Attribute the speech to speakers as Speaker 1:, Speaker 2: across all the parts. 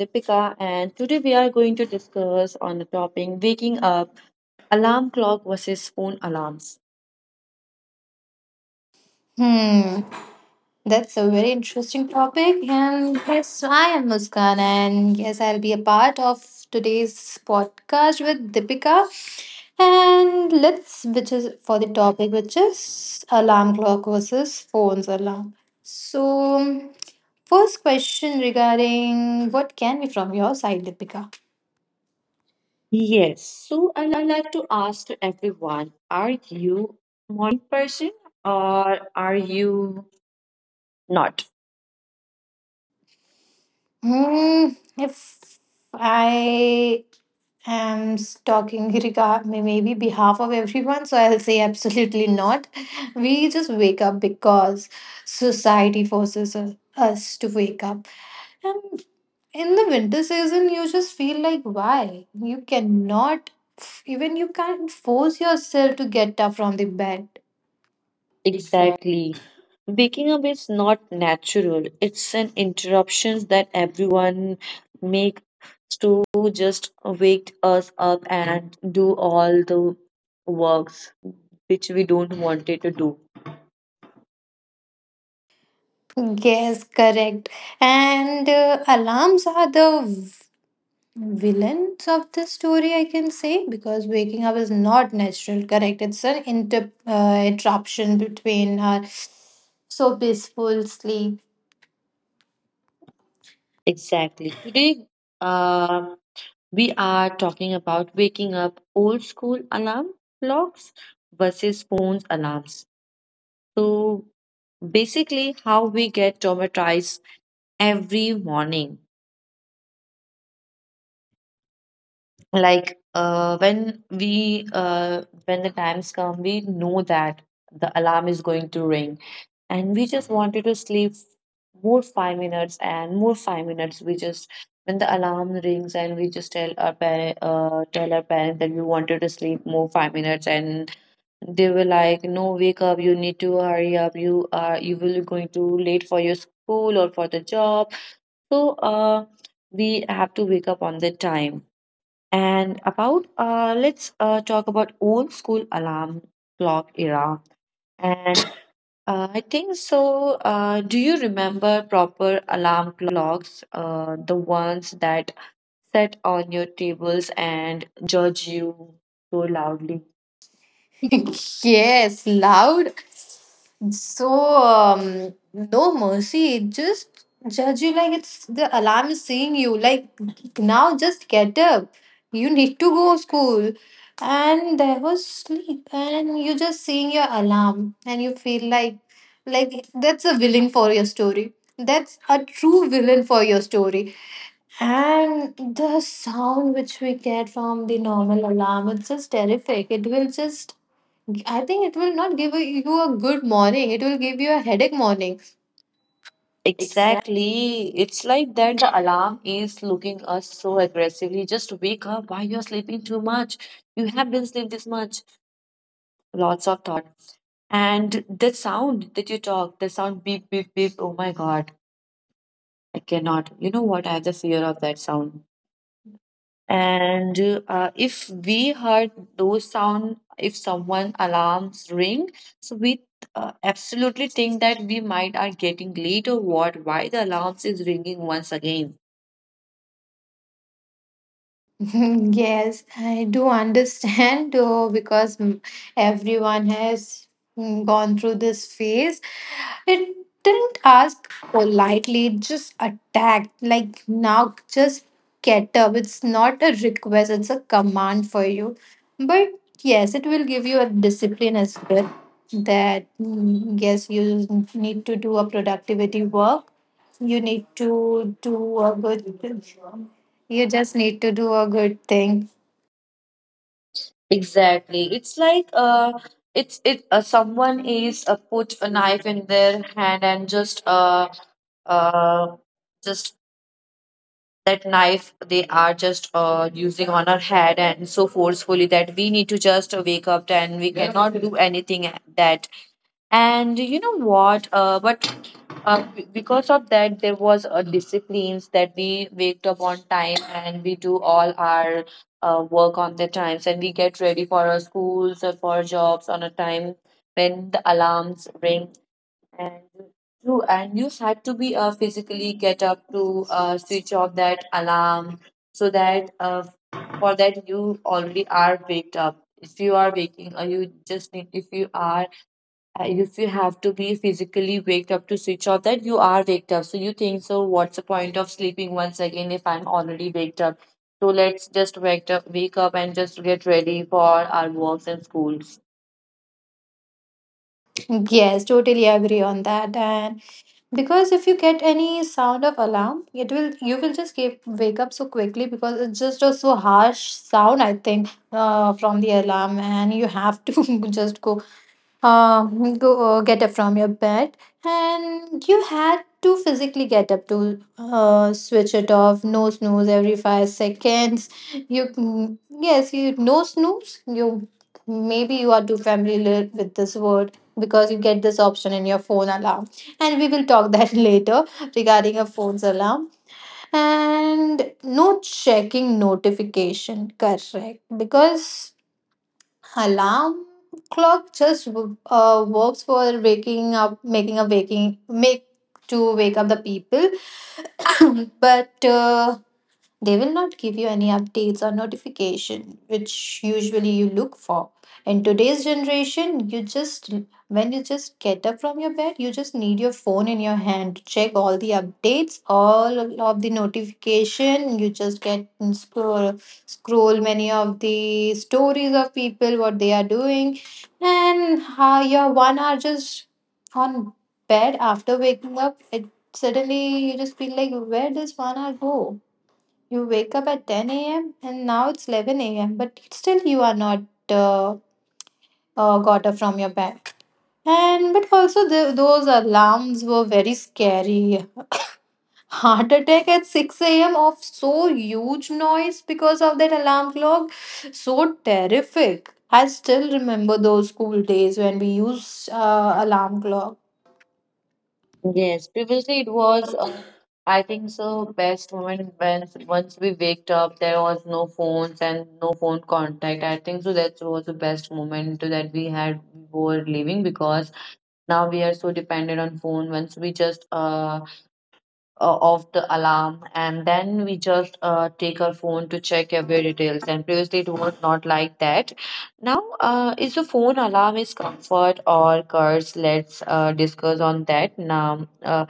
Speaker 1: Deepika and today we are going to discuss on the topic waking up alarm clock versus phone alarms.
Speaker 2: Hmm, that's a very interesting topic. And yes, I am Muskan, and yes, I'll be a part of today's podcast with Deepika. And let's, which is for the topic, which is alarm clock versus phone's alarm. So, first question regarding what can be from your side, Deepika?
Speaker 1: Yes, so I like to ask to everyone, are you morning person or are you not?
Speaker 2: Hmm, if I I am talking regard maybe behalf of everyone, so I'll say absolutely not. We just wake up because society forces us to wake up. And in the winter season, you just feel like why you cannot even you can't force yourself to get up from the bed. Exactly,
Speaker 1: Exactly. Waking up is not natural. It's an interruption that everyone make to just wake us up and do all the works which we don't wanted to do.
Speaker 2: yes, correct. And alarms are the villains of this story, I can say, because waking up is not natural, correct? It's an interruption between our so peaceful sleep.
Speaker 1: Exactly. Today, um, we are talking about waking up old school alarm clocks versus phones alarms. So basically, how we get traumatized every morning. Like, when we when the times come, we know that the alarm is going to ring and we just wanted to sleep more 5 minutes and more 5 minutes, we just when the alarm rings and we just tell our parents that we wanted to sleep more 5 minutes, and they were like, no, wake up, you need to hurry up, you will be going to late for your school or for the job. So we have to wake up on the time. And about let's talk about old school alarm clock era. And I think so. Do you remember proper alarm clocks, the ones that set on your tables and judge you so loudly?
Speaker 2: Yes, loud. So no mercy. It just judge you like it's the alarm is seeing you. Like, now, just get up. You need to go school. And there was sleep, and you just seeing your alarm, and you feel like that's a villain for your story. That's a true villain for your story. And the sound which we get from the normal alarm, it's just terrific. It will just, I think it will not give a, you a good morning. It will give you a headache morning.
Speaker 1: Exactly. It's like that the alarm is looking us so aggressively. Just wake up. Why you're sleeping too much? You have been sleeping this much. Lots of thought. And the sound that you talk, the sound beep, beep, beep. Oh my God, I cannot. You know what? I have the fear of that sound. And if we heard those sound, if someone alarms ring, so we absolutely think that we might are getting late or what? Why the alarms is ringing once again?
Speaker 2: Yes, I do understand though, because everyone has gone through this phase. It didn't ask politely, it just attacked. Like, now just get up. It's not a request, it's a command for you. But yes, it will give you a discipline as well that, yes, you need to do a productivity work, you need to do a good, you just need to do a good thing.
Speaker 1: Exactly. It's like it's it. Someone is put a knife in their hand and uh, just that knife they are just using on our head, and so forcefully that we need to just wake up and we cannot do anything that. And you know what, but because of that there was a disciplines that we waked up on time and we do all our work on the times, and we get ready for our schools or for our jobs on a time when the alarms ring. And true, and you had to be physically get up to switch off that alarm, so that for that you already are waked up. If you are waking, or you just need, if you have to be physically waked up to switch off that, you are waked up. So you think, so what's the point of sleeping once again if I'm already waked up? So let's just wake up and just get ready for our works and schools.
Speaker 2: Yes, totally agree on that. And because if you get any sound of alarm, it will, you will just keep, wake up so quickly because it's just a so harsh sound. I think from the alarm, and you have to just go. Go get up from your bed, and you had to physically get up to switch it off. No snooze every 5 seconds. You yes, you no snooze. You, maybe you are too familiar with this word because you get this option in your phone alarm, and we will talk that later regarding a phone's alarm, and no checking notification. Correct, because alarm clock just works for waking up, making a waking make to wake up the people, but. They will not give you any updates or notification, which usually you look for. In today's generation, you just, when you just get up from your bed, you just need your phone in your hand to check all the updates, all of the notification. You just get and scroll many of the stories of people, what they are doing, and how your one hour just on bed after waking up. It suddenly, you just feel like where does one hour go? You wake up at 10 a.m. and now it's 11 a.m. But still, you are not uh, got up from your bed. And but also those alarms were very scary. Heart attack at 6 a.m. of so huge noise because of that alarm clock. So terrific. I still remember those school days when we used alarm clock.
Speaker 1: Yes, previously it was, I think so, best moment when once we waked up, there was no phones and no phone contact. I think so that was the best moment that we had before leaving, because now we are so dependent on phone. Once we just off the alarm and then we just take our phone to check every details. And previously it was not like that. Now, is the phone alarm is comfort or curse? Let's discuss on that now.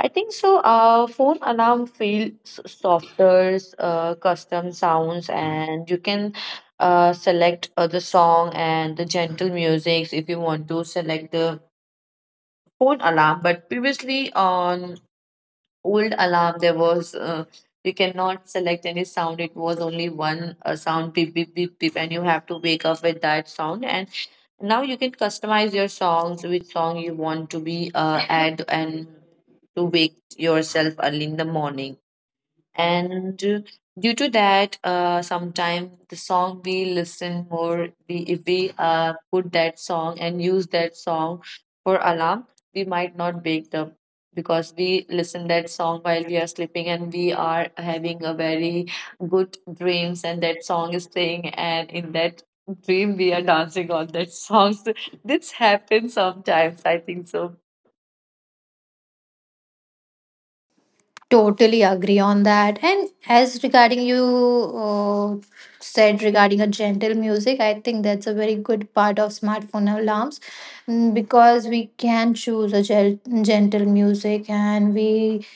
Speaker 1: I think so. Phone alarm feels softer, custom sounds, and you can select the song and the gentle music if you want to select the phone alarm. But previously on old alarm, there was you cannot select any sound. It was only one sound, beep beep beep beep, and you have to wake up with that sound. And now you can customize your songs, which song you want to be add and to wake yourself early in the morning. And due to that, sometime the song we listen more, we if we put that song and use that song for alarm, we might not wake them, because we listen that song while we are sleeping and we are having a very good dreams and that song is playing, and in that dream we are dancing on that song. So this happens sometimes, I think so.
Speaker 2: Totally agree on that. And as regarding you uh, said regarding a gentle music, I think that's a very good part of smartphone alarms, because we can choose a gentle music, and we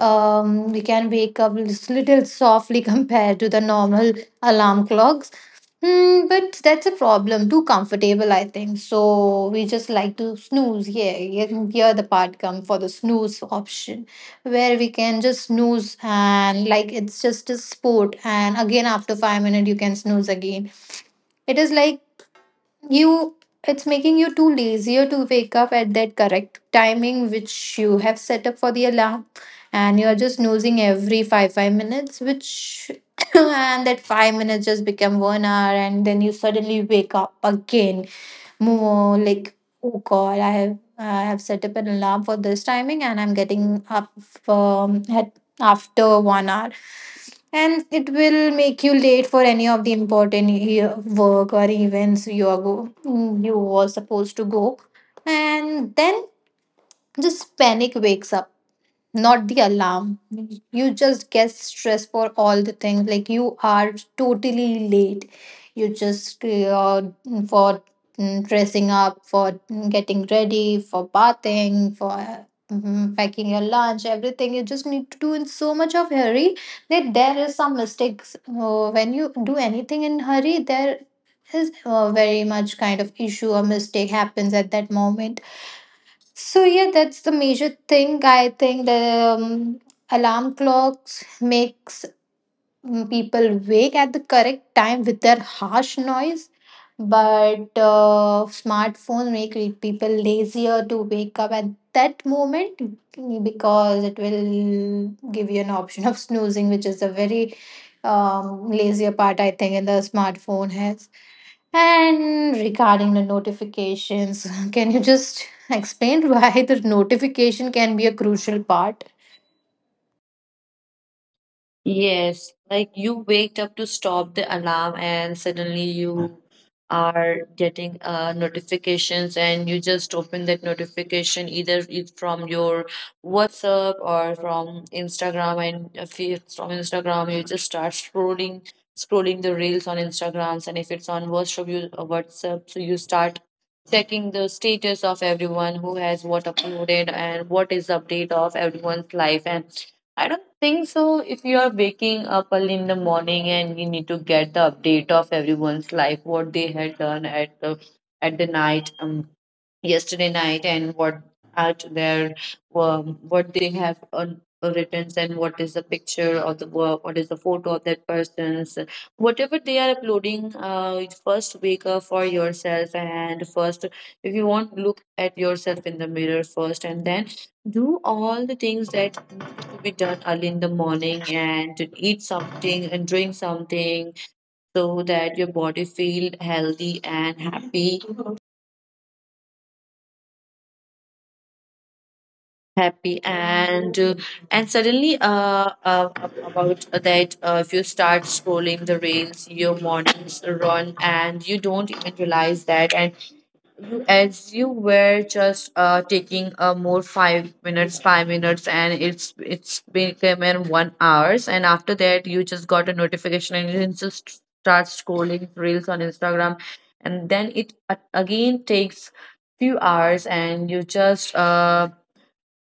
Speaker 2: um, we can wake up little softly compared to the normal alarm clocks. Hmm, but that's a problem. Too comfortable, I think. So we just like to snooze. Yeah, yeah, here the part come for the snooze option, where we can just snooze and like it's just a sport. And again, after 5 minutes, you can snooze again. It is like you, it's making you too lazier to wake up at that correct timing which you have set up for the alarm, and you're just snoozing every five minutes, which and that 5 minutes just become one hour, and then you suddenly wake up again, more like, oh god, I have set up an alarm for this timing, and I'm getting up at after one hour, and it will make you late for any of the important work or events you were supposed to go. And then just panic wakes up, not the alarm. You just get stressed for all the things. Like, you are totally late. You just for dressing up, for getting ready, for bathing, for packing your lunch, everything. You just need to do in so much of hurry that there is some mistakes. When you do anything in hurry, there is very much kind of issue or mistake happens at that moment. So yeah, that's the major thing. I think the alarm clocks makes people wake at the correct time with their harsh noise, but smartphones make people lazier to wake up at that moment, because it will give you an option of snoozing, which is a very lazier part, I think, in the smartphone has. And regarding the notifications, can you just explain why the notification can be a crucial part?
Speaker 1: Yes, like you waked up to stop the alarm and suddenly you are getting notifications, and you just open that notification, either it's from your WhatsApp or from Instagram. And if it's from Instagram, you just start scrolling the reels on Instagrams. And if it's on WhatsApp, you whatsapp so you start checking the status of everyone who has what uploaded and what is the update of everyone's life. And I don't think so. If you are waking up early in the morning and you need to get the update of everyone's life, what they had done at the night, yesterday night, and what at their what they have on written, and what is the picture of the work, what is the photo of that person's, whatever they are uploading. You first wake up for yourself and first, if you want, look at yourself in the mirror first, and then do all the things that to be done early in the morning, and to eat something and drink something so that your body feel healthy and happy and suddenly about that, if you start scrolling the rails, your mornings run and you don't even realize that. And as you were just taking a more five minutes and it's became in 1 hours, and after that you just got a notification and you just start scrolling reels on Instagram, and then it again takes few hours, and you just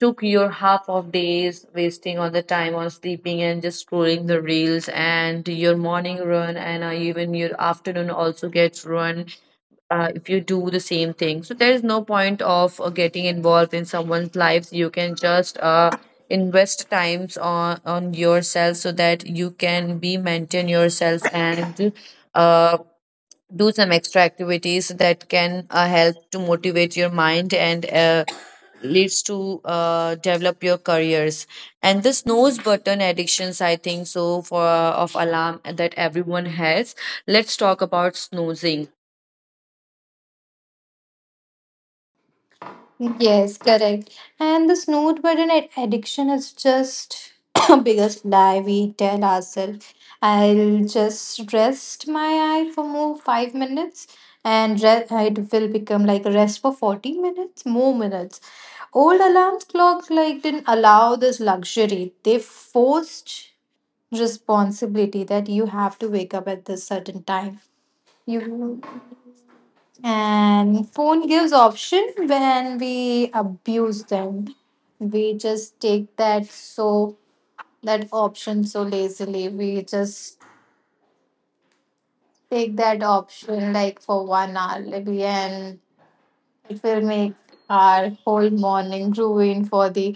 Speaker 1: took your half of days wasting on the time on sleeping and just scrolling the reels, and your morning run, and even your afternoon also gets ruined if you do the same thing. So there is no point of getting involved in someone's lives. You can just invest times on yourself so that you can be maintain yourself, and uh, do some extra activities that can help to motivate your mind and. Leads to develop your careers. And this nose button addictions, I think so, for of alarm that everyone has. Let's talk about snoozing
Speaker 2: Yes, correct. And the snooze button addiction is just a biggest lie we tell ourselves. I'll just rest my eye for more 5 minutes, and it will become like rest for 40 minutes, more minutes. Old alarm clocks like didn't allow this luxury. They forced responsibility that you have to wake up at this certain time, you. And phone gives option. When we abuse them, we just take that, so that option, so lazily we just take that option like for one hour maybe, and it will make our whole morning ruined for the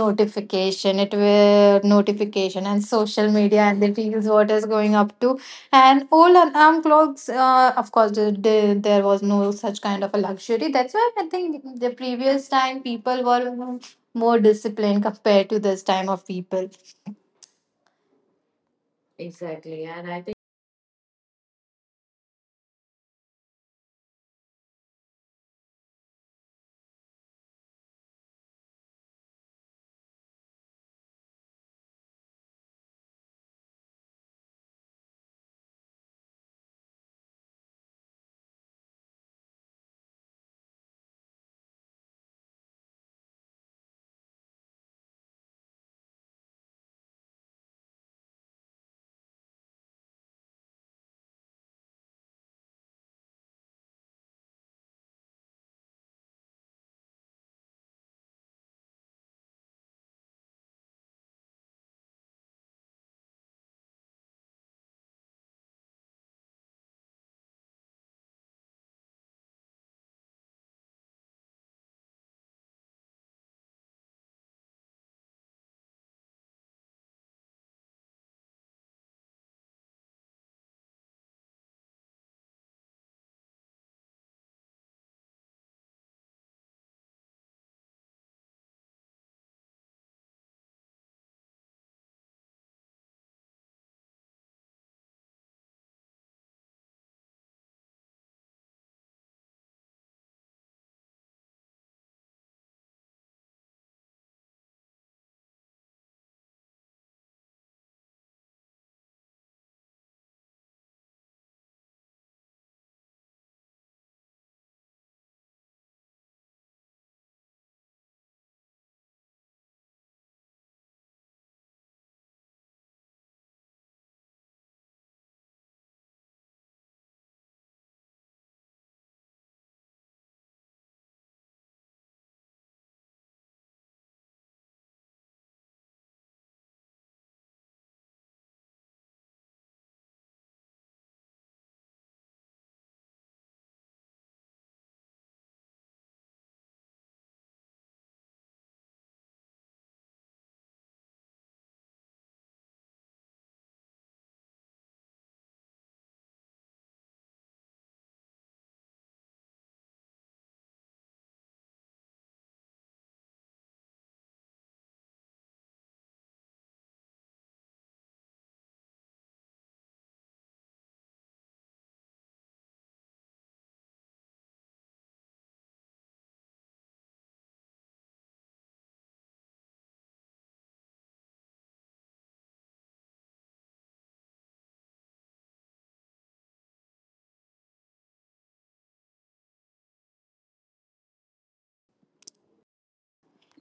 Speaker 2: notification. It will notification and social media and the reels what is going up to and all alarm clocks. Of course, there was no such kind of a luxury. That's why I think the previous time people were more disciplined compared to this time of people.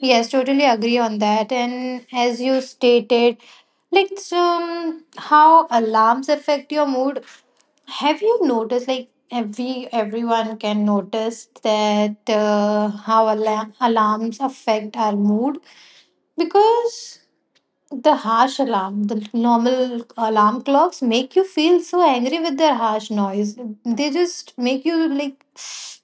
Speaker 2: Yes, totally agree on that. And as you stated, like so, how alarms affect your mood. Have you noticed, like, everyone can notice that how alarms affect our mood, because the harsh alarm, the normal alarm clocks make you feel so angry with their harsh noise. They just make you like,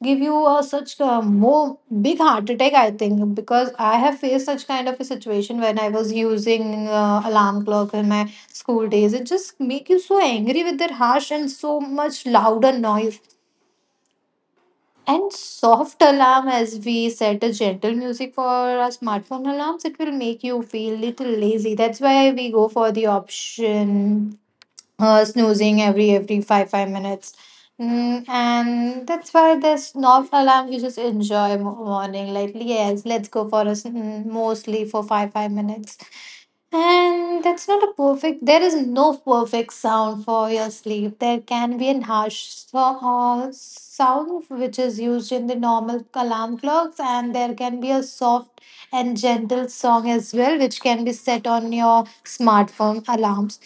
Speaker 2: give you a such a more big heart attack. I think because I have faced such kind of a situation when I was using alarm clock in my school days. It just make you so angry with their harsh and so much louder noise. And soft alarm, as we set a gentle music for our smartphone alarms, it will make you feel little lazy. That's why we go for the option snoozing every five minutes. And that's why the soft alarm you just enjoy morning. Like, yes, let's go for a mostly for five minutes. And that's not a perfect, there is no perfect sound for your sleep. There can be a harsh sound which is used in the normal alarm clocks, and there can be a soft and gentle song as well, which can be set on your smartphone alarms.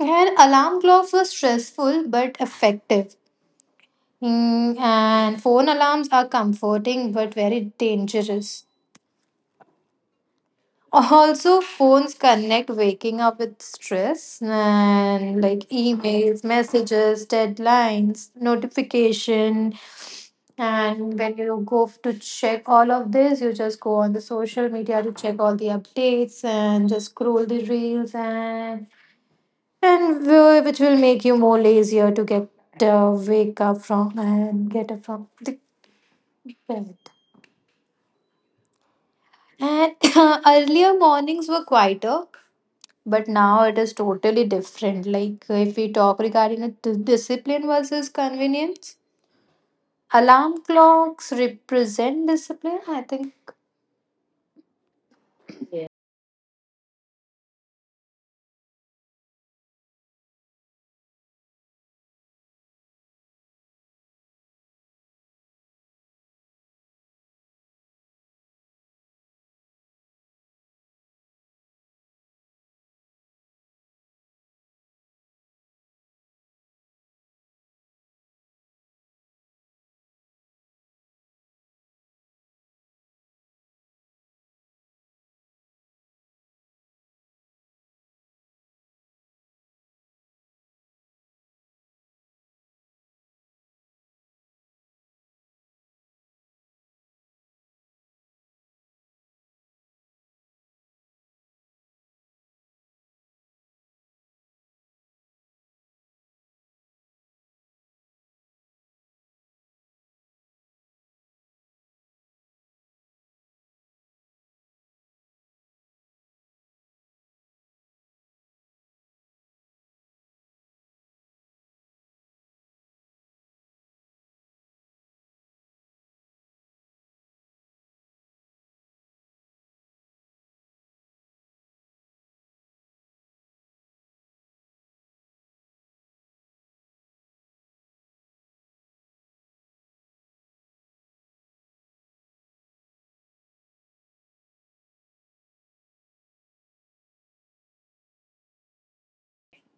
Speaker 2: And alarm clocks were stressful but effective. And phone alarms are comforting but very dangerous. Also, phones connect waking up with stress and, like, emails, messages, deadlines, notification. And when you go to check all of this, you just go on the social media to check all the updates and just scroll the reels, which will make you more lazier to get wake up from and get up from the bed. And earlier mornings were quieter, but now it is totally different. Like, if we talk regarding a discipline versus convenience, alarm clocks represent discipline, I think.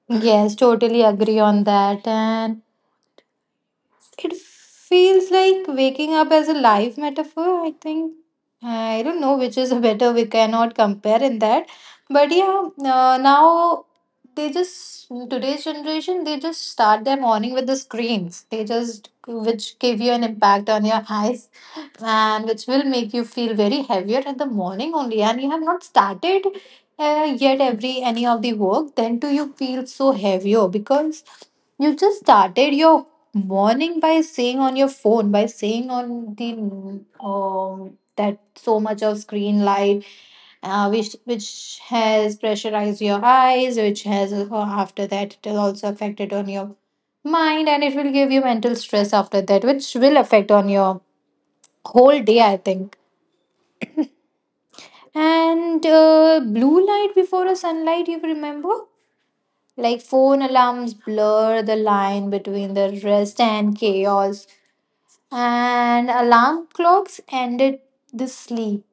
Speaker 2: Yes, totally agree on that. And it feels like waking up as a live metaphor, I think. I don't know which is better, we cannot compare in that. But yeah, now they just, today's generation, they just start their morning with the screens. They just, which give you an impact on your eyes and which will make you feel very heavier in the morning only. And you have not started yet every any of the work, then do you feel so heavier? Because you just started your warning by saying on your phone, by saying on the that so much of screen light, which has pressurized your eyes, which has after that it is also affected on your mind, and it will give you mental stress after that, which will affect on your whole day, I think. And blue light before a sunlight, you remember? Like, phone alarms blur the line between the rest and chaos, and alarm clocks ended the sleep.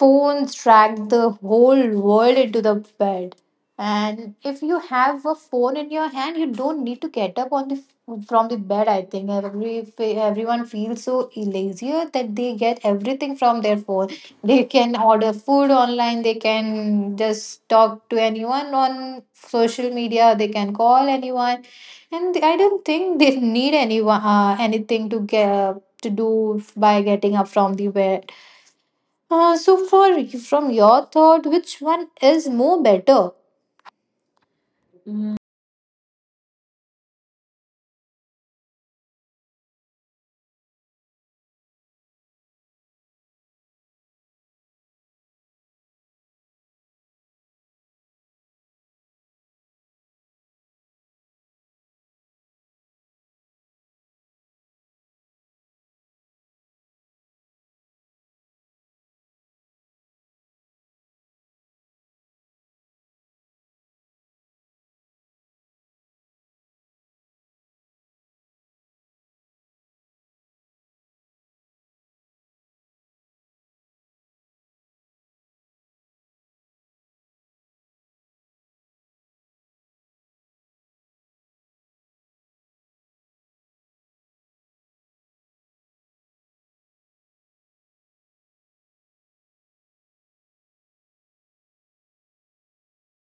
Speaker 2: Phones drag the whole world into the bed. And if you have a phone in your hand, you don't need to get up on the from the bed. I think everyone feels so lazier that they get everything from their phone. They can order food online. They can just talk to anyone on social media. They can call anyone, and I don't think they need anyone anything to get to do by getting up from the bed. So, for from your thought, which one is more better?